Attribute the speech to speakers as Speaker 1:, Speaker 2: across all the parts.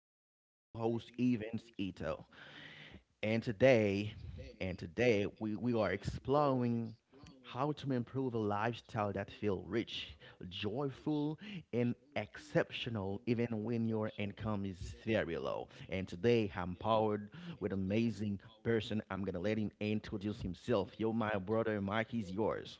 Speaker 1: here he's your host Evans Ito. And today, and today we are exploring how to improve a lifestyle that feels rich, joyful, and exceptional even when your income is very low. And today I'm powered with amazing person. I'm gonna let him introduce himself. Yo, my brother Mike is yours.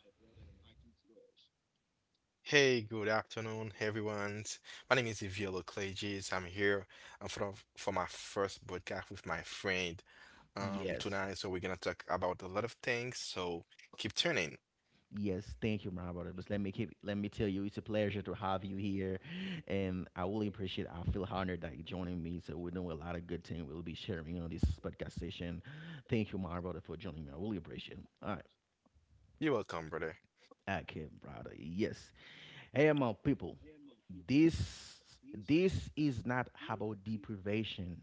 Speaker 2: Hey, good afternoon, everyone. My name is Ivielo Cleges. I'm here uh, for for my first broadcast with my friend
Speaker 1: Yes.
Speaker 2: tonight. So we're gonna talk about a lot of things. So keep tuning.
Speaker 1: Yes, thank you, my brother. But let me tell you, it's a pleasure to have you here, and I really appreciate. I feel honored that you're joining me. So we're doing a lot of good things. We'll be sharing on this podcast session. Thank you, my brother, for joining me. I really appreciate it. All right,
Speaker 2: You're welcome,
Speaker 1: okay,
Speaker 2: brother.
Speaker 1: brother. Yes. Hey, my people, this this is not about deprivation.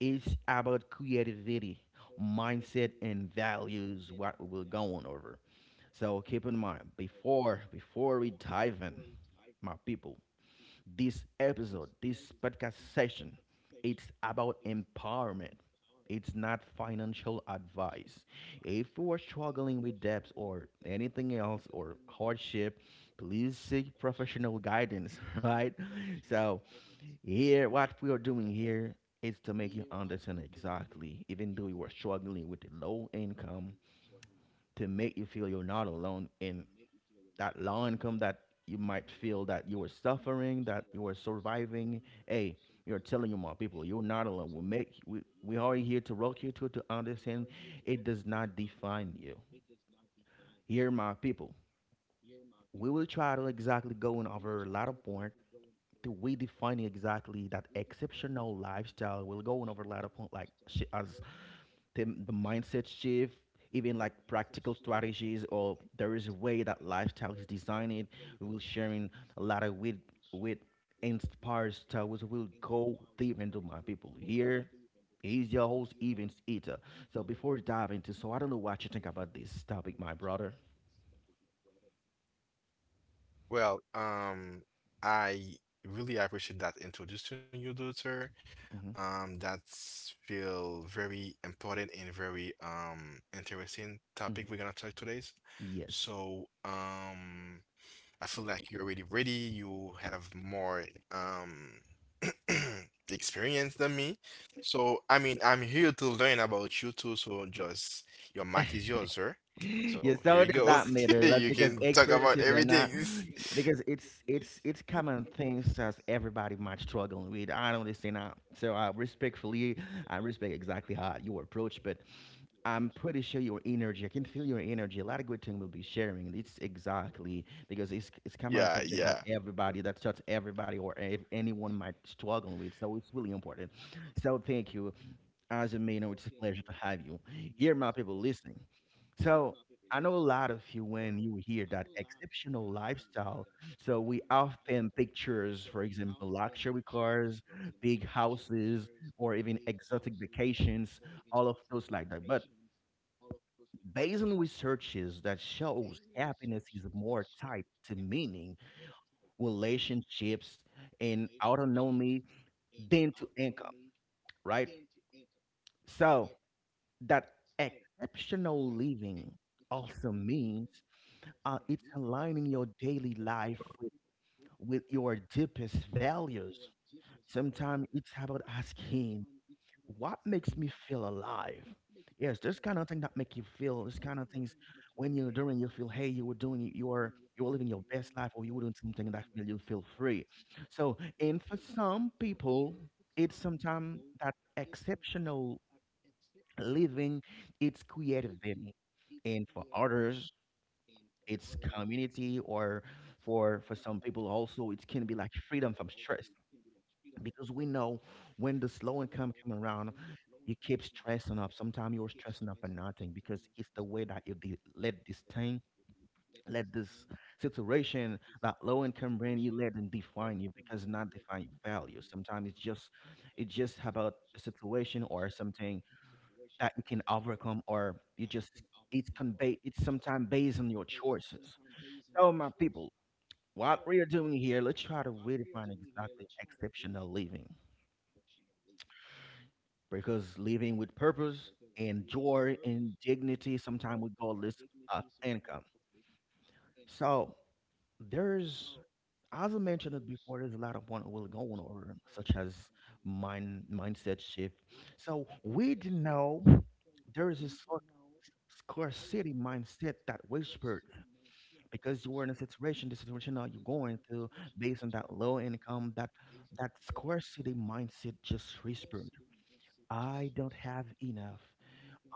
Speaker 1: It's about creativity, mindset, and values. What we're going over. So keep in mind before we dive in, my people, this episode, this podcast session, it's about empowerment. It's not financial advice. If you are struggling with debts or anything else or hardship, please seek professional guidance, right? So, here, what we are doing here is to make you understand exactly, even though you are struggling with a low income, to make you feel you're not alone and that low income that you might feel that you are suffering, that you are surviving. Hey, you're telling you, my people, you're not alone. We are here to rock you to understand it does not define you. Here, my people, we will try to exactly going over a lot of point to we define exactly that exceptional lifestyle. We'll go over a lot of point like as the mindset shift, even like practical strategies, or there is a way that lifestyle is designed. We will sharing a lot of with inspired styles. We'll go deep into my people here. He's your host, Evans Eater. So before we dive into, so I don't know what you think about this topic, my brother.
Speaker 2: Well, um, I really appreciate that introducing you, daughter.
Speaker 1: Hmm.
Speaker 2: That's feel very important and very interesting topic
Speaker 1: Hmm.
Speaker 2: we're gonna talk today.
Speaker 1: Yes.
Speaker 2: So um. I feel like you're already ready. You have more um experience than me. So I mean, I'm here to learn about you too. So just your mic is yours, sir.
Speaker 1: Yeah,
Speaker 2: So here
Speaker 1: so
Speaker 2: you
Speaker 1: does
Speaker 2: go.
Speaker 1: that matter? Like
Speaker 2: You
Speaker 1: because
Speaker 2: can talk about
Speaker 1: experiences are not
Speaker 2: everything.
Speaker 1: because it's common things that everybody might struggle with. I don't understand that. So I respect exactly how you approach, but I'm pretty sure your energy. I can feel your energy. A lot of good thing will be sharing. It's exactly because it's common subject that
Speaker 2: Yeah, yeah.
Speaker 1: everybody that touch everybody or anyone might struggle with. So it's really important. So thank you. As a man, it's a pleasure to have you here, my people listening. So, I know a lot of you when you hear that exceptional lifestyle. So, we often pictures, for example, luxury cars, big houses, or even exotic vacations, all of those like that. But based on researches that shows happiness is more tied to meaning, relationships, and autonomy than to income, right? So, that exceptional living also means it's aligning your daily life with your deepest values. Sometimes it's about asking, what makes me feel alive? Yes, there's kind of thing that make you feel. There's kind of things when you're doing, you feel, hey, you were doing, you were living your best life, or you were doing something that made you feel free. So, and for some people, it's sometimes that exceptional living its creativity, and for others, it's community, or for some people also, it can be like freedom from stress. Because we know when the slow income come around, you keep stressing up. Sometimes you're stressing up for nothing because it's the way that you let this thing, let this situation, that low income brand, you let them define you because not define your value. Sometimes it's just about a situation or something that you can overcome or you just it's convey it's sometimes based on your choices. So my people, what we are doing here, let's try to redefine exactly exceptional living, because living with purpose and joy and dignity sometimes regardless of income. So there's, as I mentioned it before, there's a lot of one will go on over, such as mindset shift. So we did know there is this scarcity mindset that whispered because you were in a situation, the situation that you're going through, based on that low income, that scarcity mindset just whispered, "I don't have enough.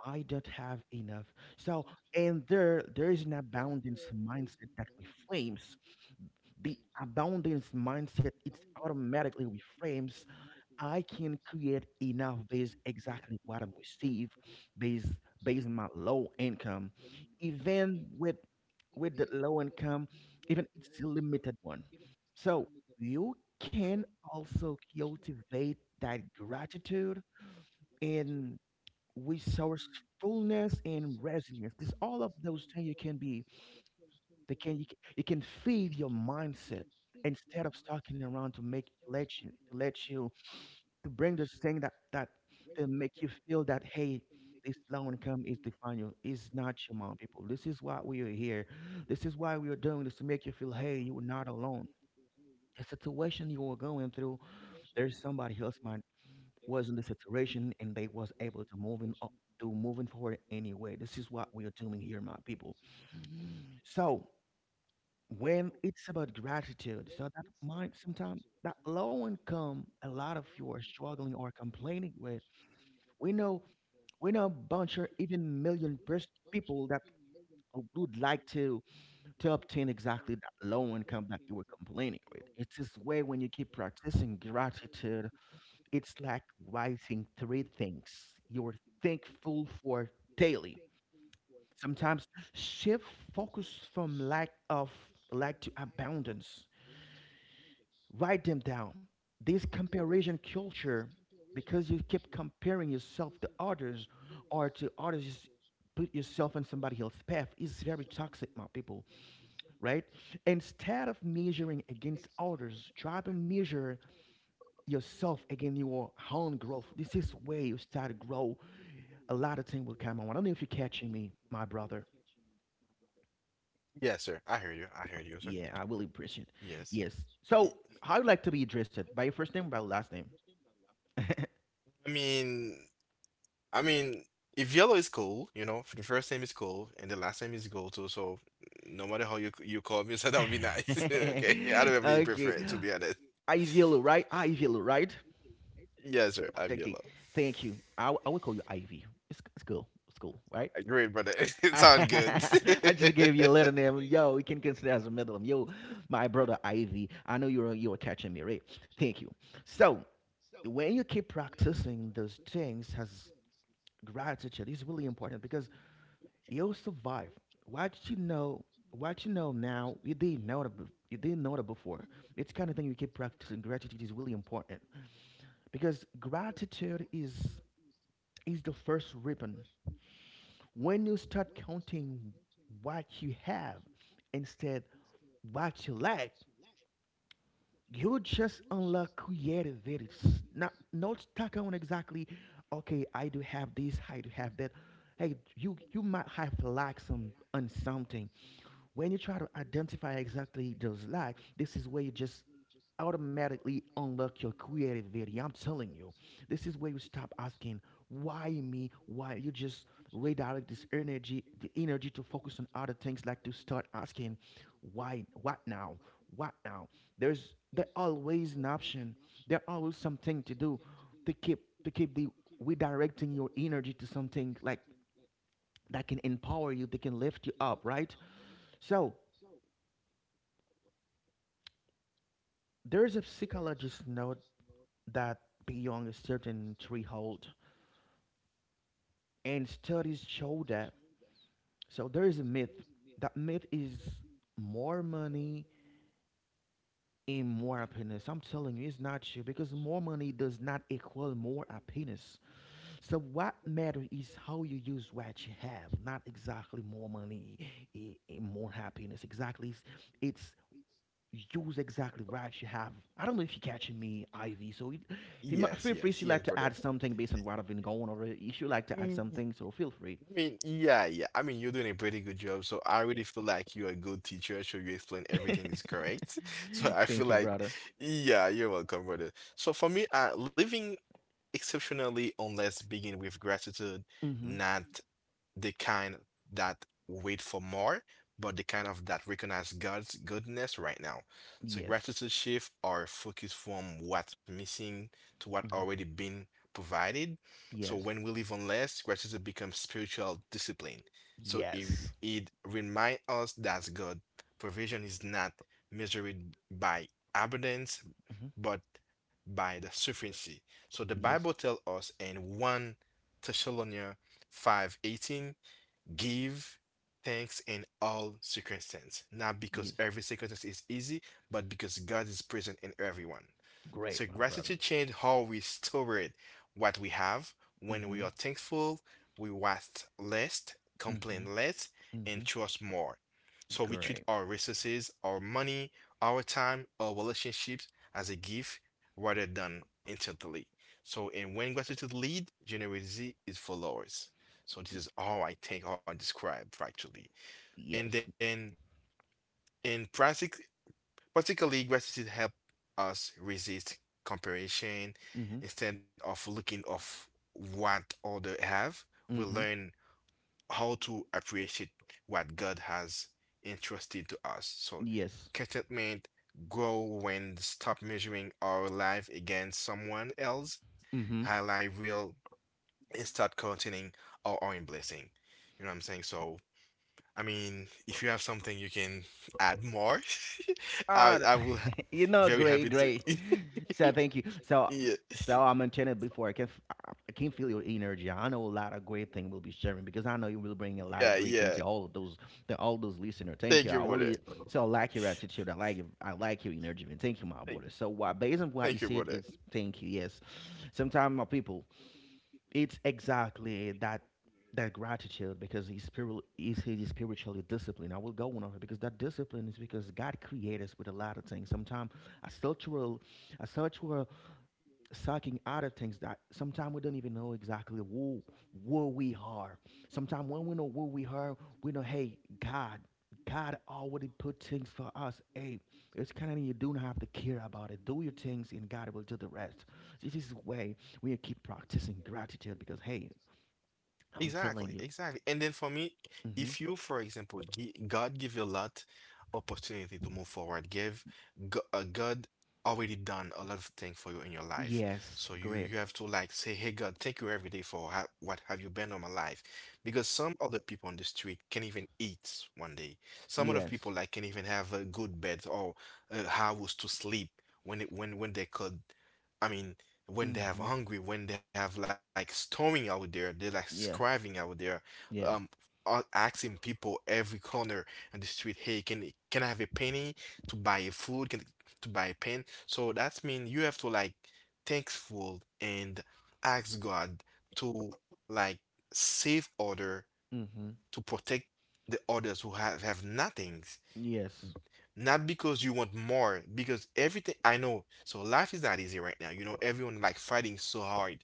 Speaker 1: I don't have enough." So, and there is an abundance mindset that reframes the abundance mindset. It's automatically reframes I can create enough based exactly what I receive based on my low income. Even with the low income, even it's a limited one. So you can also cultivate that gratitude and resourcefulness and resilience. There's all of those things you can be they can you, can you can feed your mindset instead of stalking around to make let you to bring this thing that to make you feel that, hey, this low income is define you is not your mom people. This is why we are here, this is why we are doing this, to make you feel hey you are not alone. The situation you were going through, there's somebody else might was in the situation and they was able to moving up to moving forward. Anyway, this is what we are doing here my people. So when it's about gratitude, so that might sometimes that low income a lot of you are struggling or complaining with, we know we know a bunch or even million people that would like to obtain exactly that low income that you were complaining with. It's this way when you keep practicing gratitude, it's like writing three things you're thankful for daily. Sometimes shift focus from lack to abundance. Write them down. This comparison culture, because you keep comparing yourself to others you put yourself in somebody else's path, is very toxic, my people, right? Instead of measuring against others, try to measure yourself against your own growth. This is where you start to grow. A lot of things will come on. I don't know if you're catching me, my brother.
Speaker 2: Yeah, sir. I heard you. I heard you, sir.
Speaker 1: Yeah, I really appreciate.
Speaker 2: Yes.
Speaker 1: Yes.
Speaker 2: Y-
Speaker 1: So, how you like to be addressed? By your first name or by your last name?
Speaker 2: I mean, I mean, if yellow is cool, you know, if the first name is cool and the last name is gold too, so no matter how you call me, so that would be nice. Okay, I don't
Speaker 1: Okay.
Speaker 2: have any preference to be honest.
Speaker 1: Ivy, right? Ivy, right?
Speaker 2: Yes, sir, I'm yellow.
Speaker 1: Okay. Thank you. I will call you Ivy. It's cool. It's cool, right?
Speaker 2: Great, brother. It sounds good.
Speaker 1: I just gave you a letter name. Yo, we can consider as a middle name. Yo, my brother Ivy. I know you were catching me, right? Thank you. So when you keep practicing those things as gratitude is really important because you'll survive. Why did you know? Why did you know now? You didn't know that. You didn't know that before. It's kind of thing you keep practicing. Gratitude is really important because gratitude is the first ribbon. When you start counting what you have instead what you lack, you just unlock creativity. It's not stuck on exactly. Okay, I do have this. I do have that. Hey, you might have lack some on something. When you try to identify exactly those lacks, this is where you just automatically unlock your creativity. I'm telling you, this is where you stop asking why me, why you just redirect this energy, the energy to focus on other things, like to start asking why, what now, what now. There always an option. There always something to do to keep to keep the redirecting your energy to something like that can empower you, that can lift you up, right? So there's a psychologist note that beyond a certain threshold, and studies show that. So there is a myth. That myth is more money and more happiness. I'm telling you, it's not true because more money does not equal more happiness. So what matters is how you use what you have, not exactly more money and more happiness. Exactly, it's You's exactly right. You have. I don't know if you're catching me, Ivy. So
Speaker 2: Yes, yes,
Speaker 1: feel
Speaker 2: yes,
Speaker 1: free if you
Speaker 2: brother.
Speaker 1: like to add something based on what I've been going over. If you like to add something, so feel free.
Speaker 2: I mean, yeah, yeah. I mean, you're doing a pretty good job, so I really feel like you're a good teacher, so you explain everything is correct. So I feel
Speaker 1: Thank you,
Speaker 2: like,
Speaker 1: brother.
Speaker 2: yeah, you're welcome, brother. So for me, living exceptionally, unless begin with gratitude,
Speaker 1: Mm-hmm.
Speaker 2: not the kind that wait for more, but the kind of that recognize God's goodness right now. So
Speaker 1: Yes.
Speaker 2: gratitude shift our focus from what's missing to what
Speaker 1: Mm-hmm.
Speaker 2: already been provided. So
Speaker 1: Yes.
Speaker 2: when we live on less, gratitude becomes spiritual discipline. So it
Speaker 1: Yes.
Speaker 2: it remind us that God provision is not measured by abundance,
Speaker 1: Mm-hmm.
Speaker 2: but by the sufficiency. So the Bible
Speaker 1: Yes.
Speaker 2: tells us in 1 Thessalonians 5:18, give thanks in all circumstances, not because
Speaker 1: Yes.
Speaker 2: every circumstance is easy, but because God is present in everyone.
Speaker 1: Great,
Speaker 2: So
Speaker 1: my brother.
Speaker 2: gratitude changes how we store it, what we have. When we
Speaker 1: Mm-hmm.
Speaker 2: are thankful, we waste less,
Speaker 1: Mm-hmm.
Speaker 2: complain less,
Speaker 1: Mm-hmm.
Speaker 2: and trust more. So we treat
Speaker 1: Great.
Speaker 2: our resources, our money, our time, our relationships as a gift rather than intently. So, and when gratitude leads, generosity is follows. So this is how I think, how I describe factually.
Speaker 1: Yes.
Speaker 2: And then in practically gratitude help us resist comparison.
Speaker 1: Mm-hmm.
Speaker 2: Instead of looking of what other have, we
Speaker 1: Mm-hmm.
Speaker 2: learn how to appreciate what God has entrusted to us. So
Speaker 1: Yes.
Speaker 2: contentment grow when stop measuring our life against someone else,
Speaker 1: Mm-hmm.
Speaker 2: highlight real and start counting our own blessing. You know what I'm saying? So I mean, if you have something you can add more, I very
Speaker 1: Great,
Speaker 2: happy to.
Speaker 1: great. So thank you. So,
Speaker 2: Yeah,
Speaker 1: so I'm enchanted before I can feel your energy. I know a lot of great things we'll be sharing because I know you will bring a
Speaker 2: yeah,
Speaker 1: lot of great
Speaker 2: yeah.
Speaker 1: things to all of those, to all those listeners. Thank you.
Speaker 2: Thank
Speaker 1: I
Speaker 2: you,
Speaker 1: really
Speaker 2: brother.
Speaker 1: So I like your attitude. I like you. I like your energy. And thank you, my brother.
Speaker 2: Thank,
Speaker 1: So, based on what you said,
Speaker 2: thank you,
Speaker 1: it's
Speaker 2: brother.
Speaker 1: thank you. Yes, sometimes my people, it's exactly that gratitude because he's spiritually disciplined. I will go on over because that discipline is because God created us with a lot of things. Sometimes a cultural a cultural sucking out of things that sometimes we don't even know exactly who we are. Sometimes when we know who we are, we know, hey, God already put things for us. Hey, it's kind of you don't have to care about it. Do your things and God will do the rest. This is way we keep practicing gratitude because hey, I'm
Speaker 2: Exactly,
Speaker 1: telling you.
Speaker 2: exactly. And then for me, if
Speaker 1: Hmm.
Speaker 2: you, for example, God give you a lot opportunity to move forward, God already done a lot of things for you in your life.
Speaker 1: Yes,
Speaker 2: So you
Speaker 1: great.
Speaker 2: you have to like say, hey God, thank you every day for ha what have you been on my life. Because some other people on the street can't even eat one day. Some other people
Speaker 1: Yes.
Speaker 2: like can't even have a good bed or a house to sleep when it, when they could. I mean, when
Speaker 1: Hmm.
Speaker 2: they have hungry, when they have like storming out there, they're like
Speaker 1: Yeah.
Speaker 2: scriving out there,
Speaker 1: Yeah.
Speaker 2: um, asking people every corner in the street, hey, can I have a penny to buy a food, can to buy a pen? So that's mean you have to like thankful and ask God to like save order
Speaker 1: Hmm.
Speaker 2: to protect the others who have nothing.
Speaker 1: Yes.
Speaker 2: Not because you want more, because everything I know. So life is not easy right now. You know, everyone like fighting so hard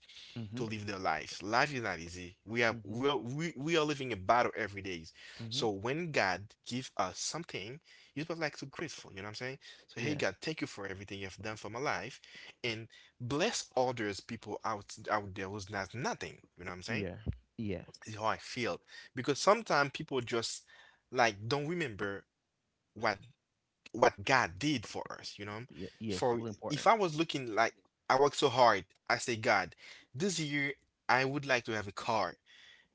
Speaker 2: to
Speaker 1: Hmm.
Speaker 2: live their lives. Life is not easy. We have
Speaker 1: Hmm.
Speaker 2: we are living a battle every day. So
Speaker 1: Hmm.
Speaker 2: when God give us something, you're supposed like to grateful. You know what I'm saying? So hey
Speaker 1: Yeah.
Speaker 2: God, thank you for everything you have done for my life, and bless others people out there who's not nothing. You know what I'm saying?
Speaker 1: Yeah. Yeah.
Speaker 2: Is how I feel because sometimes people just like don't remember what what God did for us, you know?
Speaker 1: Yes,
Speaker 2: For
Speaker 1: really important.
Speaker 2: if I was looking like I worked so hard, I say, God, this year I would like to have a car.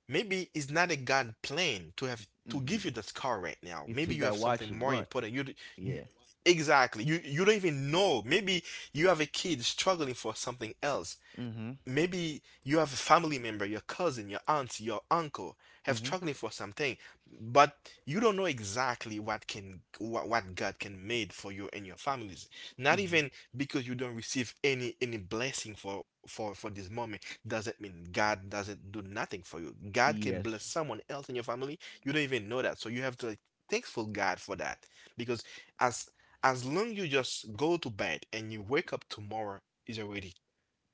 Speaker 2: Maybe it's not a God plan to have to give
Speaker 1: Mm-hmm.
Speaker 2: you this car right now.
Speaker 1: You
Speaker 2: Maybe
Speaker 1: see
Speaker 2: you have
Speaker 1: that watch
Speaker 2: something
Speaker 1: you
Speaker 2: more
Speaker 1: want.
Speaker 2: important. You
Speaker 1: Yeah.
Speaker 2: exactly. You don't even know. Maybe you have a kid struggling for something else.
Speaker 1: Mm-hmm.
Speaker 2: Maybe you have a family member, your cousin, your aunt, your uncle have
Speaker 1: Mm-hmm.
Speaker 2: struggling for something, but you don't know exactly what God can made for you and your families. Not
Speaker 1: Mm-hmm.
Speaker 2: even because you don't receive any blessing for for this moment doesn't mean God doesn't do nothing for you. God can bless
Speaker 1: Yes.
Speaker 2: someone else in your family. You don't even know that. So you have to like thankful God for that because as as long you just go to bed and you wake up tomorrow is already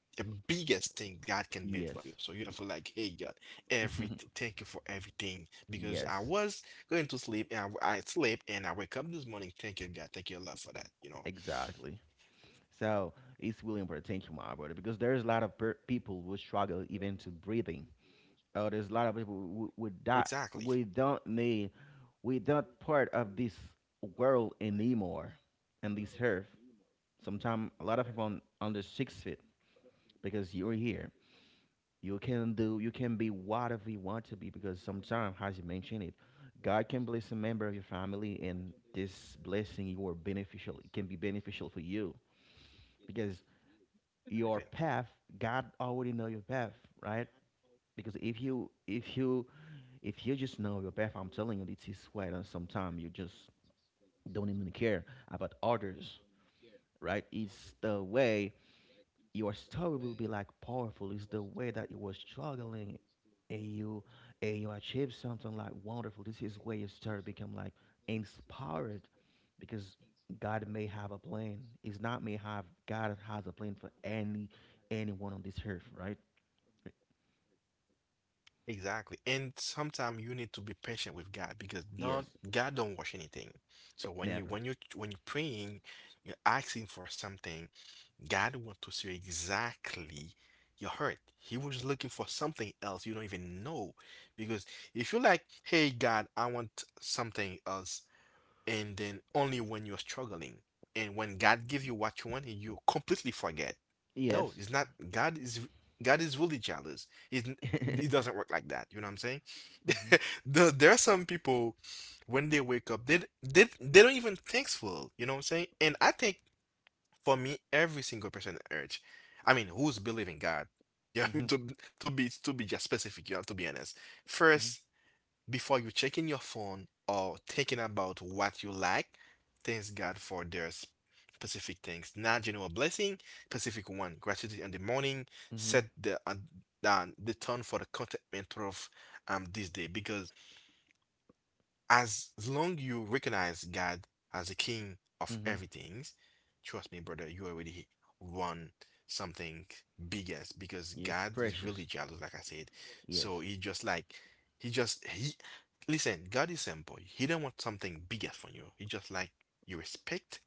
Speaker 2: the biggest thing God can make for
Speaker 1: Yes.
Speaker 2: you. So you have to like, hey God, every thank you for everything because I
Speaker 1: yes.
Speaker 2: was going to sleep and I slept and I wake up this morning. Thank you God, thank you a lot for that. You know,
Speaker 1: Exactly. So it's really important. Thank you, my brother, because there's a lot of people who struggle even to breathing. Oh, there's a lot of people who, with that.
Speaker 2: exactly,
Speaker 1: We don't need. We don't part of this world anymore, and this earth. Sometimes a lot of people on 6 feet because you're here. You can do, you can be whatever you want to be because sometimes, as you mentioned it, God can bless a member of your family, and this blessing you are beneficial. It can be beneficial for you because your
Speaker 2: exactly,
Speaker 1: path, God already know your path, right? Because if you just know your path, I'm telling you, it is way. And sometimes you just don't even care about others, right? It's the way your story will be like powerful. It's the way that you were struggling and you and you achieve something like wonderful. This is where your story become like inspired because God may have a plan. It's not may have, God has a plan for anyone on this earth, right?
Speaker 2: exactly. And sometimes you need to be patient with God because not
Speaker 1: Yes.
Speaker 2: God don't watch anything. So when you when you
Speaker 1: Never.
Speaker 2: when you're praying, you're asking for something. God want to see exactly your hurt. He was looking for something else you don't even know. Because if you're like, hey, God, I want something else, and then only when you're struggling, and when God gives you what you want, and you completely forget. No,
Speaker 1: Yes.
Speaker 2: it's not. God is really jealous. It
Speaker 1: mhm.
Speaker 2: it doesn't work like that. You know what I'm saying? The, there are some people when they wake up, they don't even thankful. You know what I'm saying? And I think for me, every single person on earth, I mean, who's believing God? Yeah,
Speaker 1: Mhm.
Speaker 2: to be just specific, you have to be honest.
Speaker 1: Mhm.
Speaker 2: First, before you checking your phone or thinking about what you like, thank God for their specific things, not general blessing, specific one. Gratitude in the morning
Speaker 1: Mhm.
Speaker 2: set the tone for the contentment of this day because as long you recognize God as the king of
Speaker 1: Mhm.
Speaker 2: everything, trust me, brother, you already won something biggest because
Speaker 1: Yes.
Speaker 2: God is really
Speaker 1: Precious.
Speaker 2: jealous, like I said. So
Speaker 1: Yes.
Speaker 2: he just like he listen, God is simple. He don't want something biggest from you. He just like you respect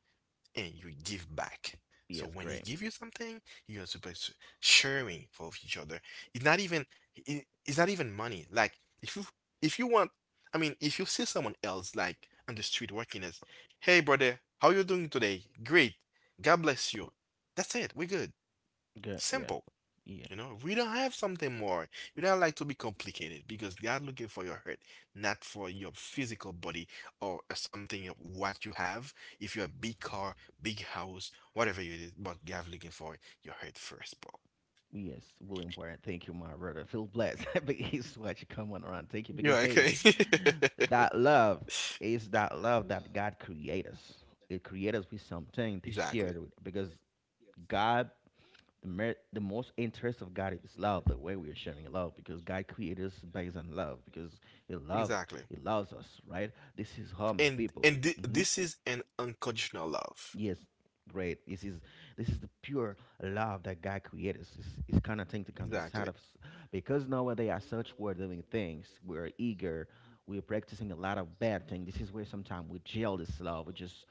Speaker 2: and you give back. So
Speaker 1: Yes.
Speaker 2: when he
Speaker 1: Great.
Speaker 2: give you something, you are supposed to sharing for each other. It's not even it's not even money. Like if you if you want, I mean, if you see someone else like on the street working as, hey brother, how you doing today? Great, God bless you. That's it. We're good.
Speaker 1: Good. Yeah.
Speaker 2: Simple. You know, we don't have something more. We don't like to be complicated because they are looking for your heart, not for your physical body or something of what you have. If you're a big car, big house, whatever it is, but they are looking for your heart first, bro.
Speaker 1: Yes, William Wyatt. Thank you, my brother. Feel blessed. but he's what you come on around. Thank you.
Speaker 2: You're
Speaker 1: Because hey,
Speaker 2: okay.
Speaker 1: that love is that love that God created us. It created us with something to share
Speaker 2: Exactly.
Speaker 1: it with because God, the most interest of God is love, the way we are sharing love, because God created us based on love, because He love
Speaker 2: Exactly.
Speaker 1: He loves us, right? This is how my
Speaker 2: And
Speaker 1: people. Mhm.
Speaker 2: this is an unconditional love.
Speaker 1: Yes, great. This is the pure love that God created. It's kind of thing to come inside
Speaker 2: Exactly.
Speaker 1: of us because nowadays are such we're doing things. We're eager. We're practicing a lot of bad things. This is where sometimes we jail this love.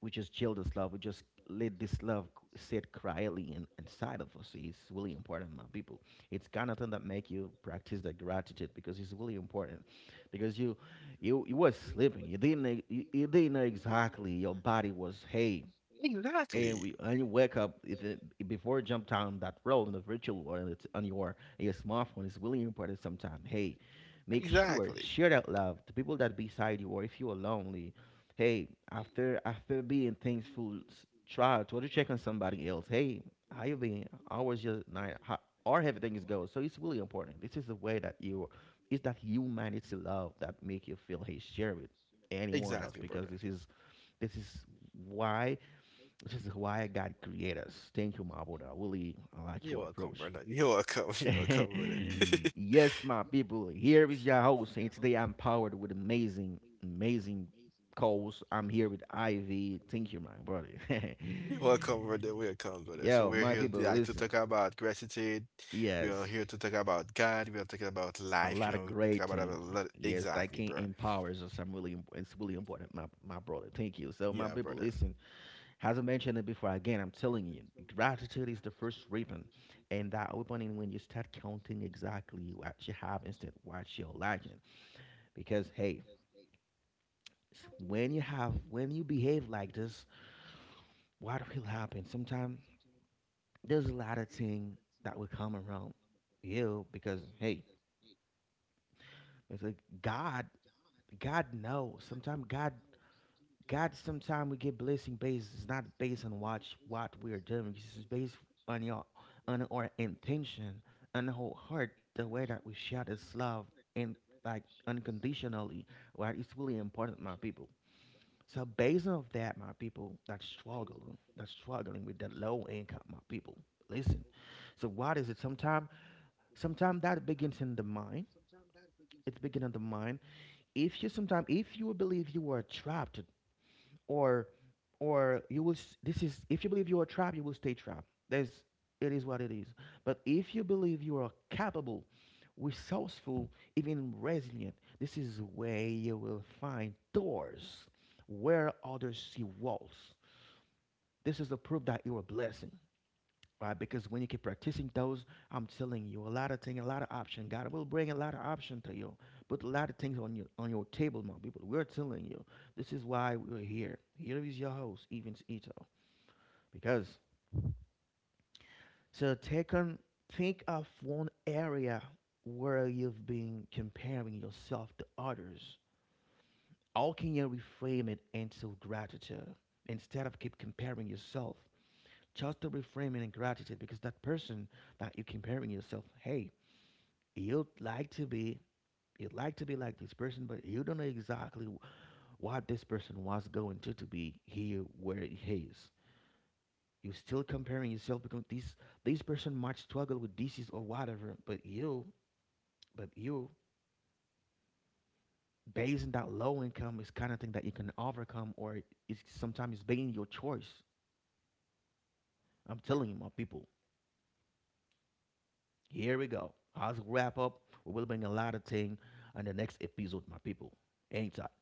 Speaker 1: We just jail this love. We just let this love sit quietly inside of us. It's really important, my people. It's kind of thing that make you practice the gratitude because it's really important. Because you was sleeping. You didn't know exactly your body was hey,
Speaker 2: Exactly.
Speaker 1: and you wake up if it, before you jump down that road in the virtual world, and it's on your smartphone. It's really important sometimes, hey, make sure
Speaker 2: Exactly.
Speaker 1: share that love to people that beside you, or if you are lonely, hey, after being thankful, try to check on somebody else. Hey, how you been, how was your night, how or everything is going. So it's really important. This is the way that you, it's that humanity love that make you feel, hey, share with anyone else
Speaker 2: Exactly,
Speaker 1: because
Speaker 2: brother.
Speaker 1: this is why which is why God created us. Thank you, my brother. Willie, I like
Speaker 2: You're
Speaker 1: your
Speaker 2: welcome,
Speaker 1: approach.
Speaker 2: brother. You're welcome. You're welcome, brother.
Speaker 1: yes, my people, here is your host, and today I'm powered with amazing, amazing calls. I'm here with Ivy. Thank you, my brother.
Speaker 2: You're welcome, brother. Welcome, brother. So
Speaker 1: Yo,
Speaker 2: we're
Speaker 1: my
Speaker 2: here
Speaker 1: people,
Speaker 2: like to talk
Speaker 1: listen.
Speaker 2: about gratitude. We are
Speaker 1: Yes,
Speaker 2: here to talk about God. We are talking about
Speaker 1: a
Speaker 2: life. You
Speaker 1: lot of
Speaker 2: know, talk
Speaker 1: great
Speaker 2: about a
Speaker 1: thing.
Speaker 2: lot.
Speaker 1: Yes, that
Speaker 2: Exactly,
Speaker 1: can
Speaker 2: bro.
Speaker 1: empowers us. I'm really, it's really important, my brother. Thank you. So, my
Speaker 2: Yeah,
Speaker 1: people,
Speaker 2: brother.
Speaker 1: listen. As I mentioned it before, again, I'm telling you, gratitude is the first ribbon, and that opening when you start counting exactly what you have instead of what you're lacking. Because hey, when you behave like this, what will happen? Sometimes there's a lot of things that will come around you because hey, it's like God, God knows. Sometimes God God, sometimes we get blessing based. It's not based on what we're doing. It's just based on your on our intention, on our heart, the way that we share this love and like unconditionally. Right? It's really important, my people. So based off that, my people that's struggling with that low income, my people. Listen. So what is it? Sometimes that begins in the mind. It's begin in the mind. If you believe you are trapped, or or you will s- this is, if you believe you are trapped, you will stay trapped. There's It is what it is. But if you believe you are capable, resourceful, even resilient, this is where you will find doors where others see walls. This is a proof that you are a blessing, right? Because when you keep practicing those, I'm telling you, a lot of things, a lot of option. God will bring a lot of option to you, put a lot of things on your table, my people. We're telling you, this is why we're here. Here is your host, Evans Ito. Because so take on, think of one area where you've been comparing yourself to others. How can you reframe it into gratitude instead of keep comparing yourself? Just to reframe it in gratitude because that person that you're comparing yourself, hey, you'd like to be you'd like to be like this person, but you don't know exactly what this person was going to be here where he is. You're still comparing yourself because this person might struggle with disease or whatever, but you, based on that low income, is kind of thing that you can overcome, or it's sometimes being your choice. I'm telling you, my people, here we go. As we wrap up, we will bring a lot of thing on the next episode, my people. Anytime.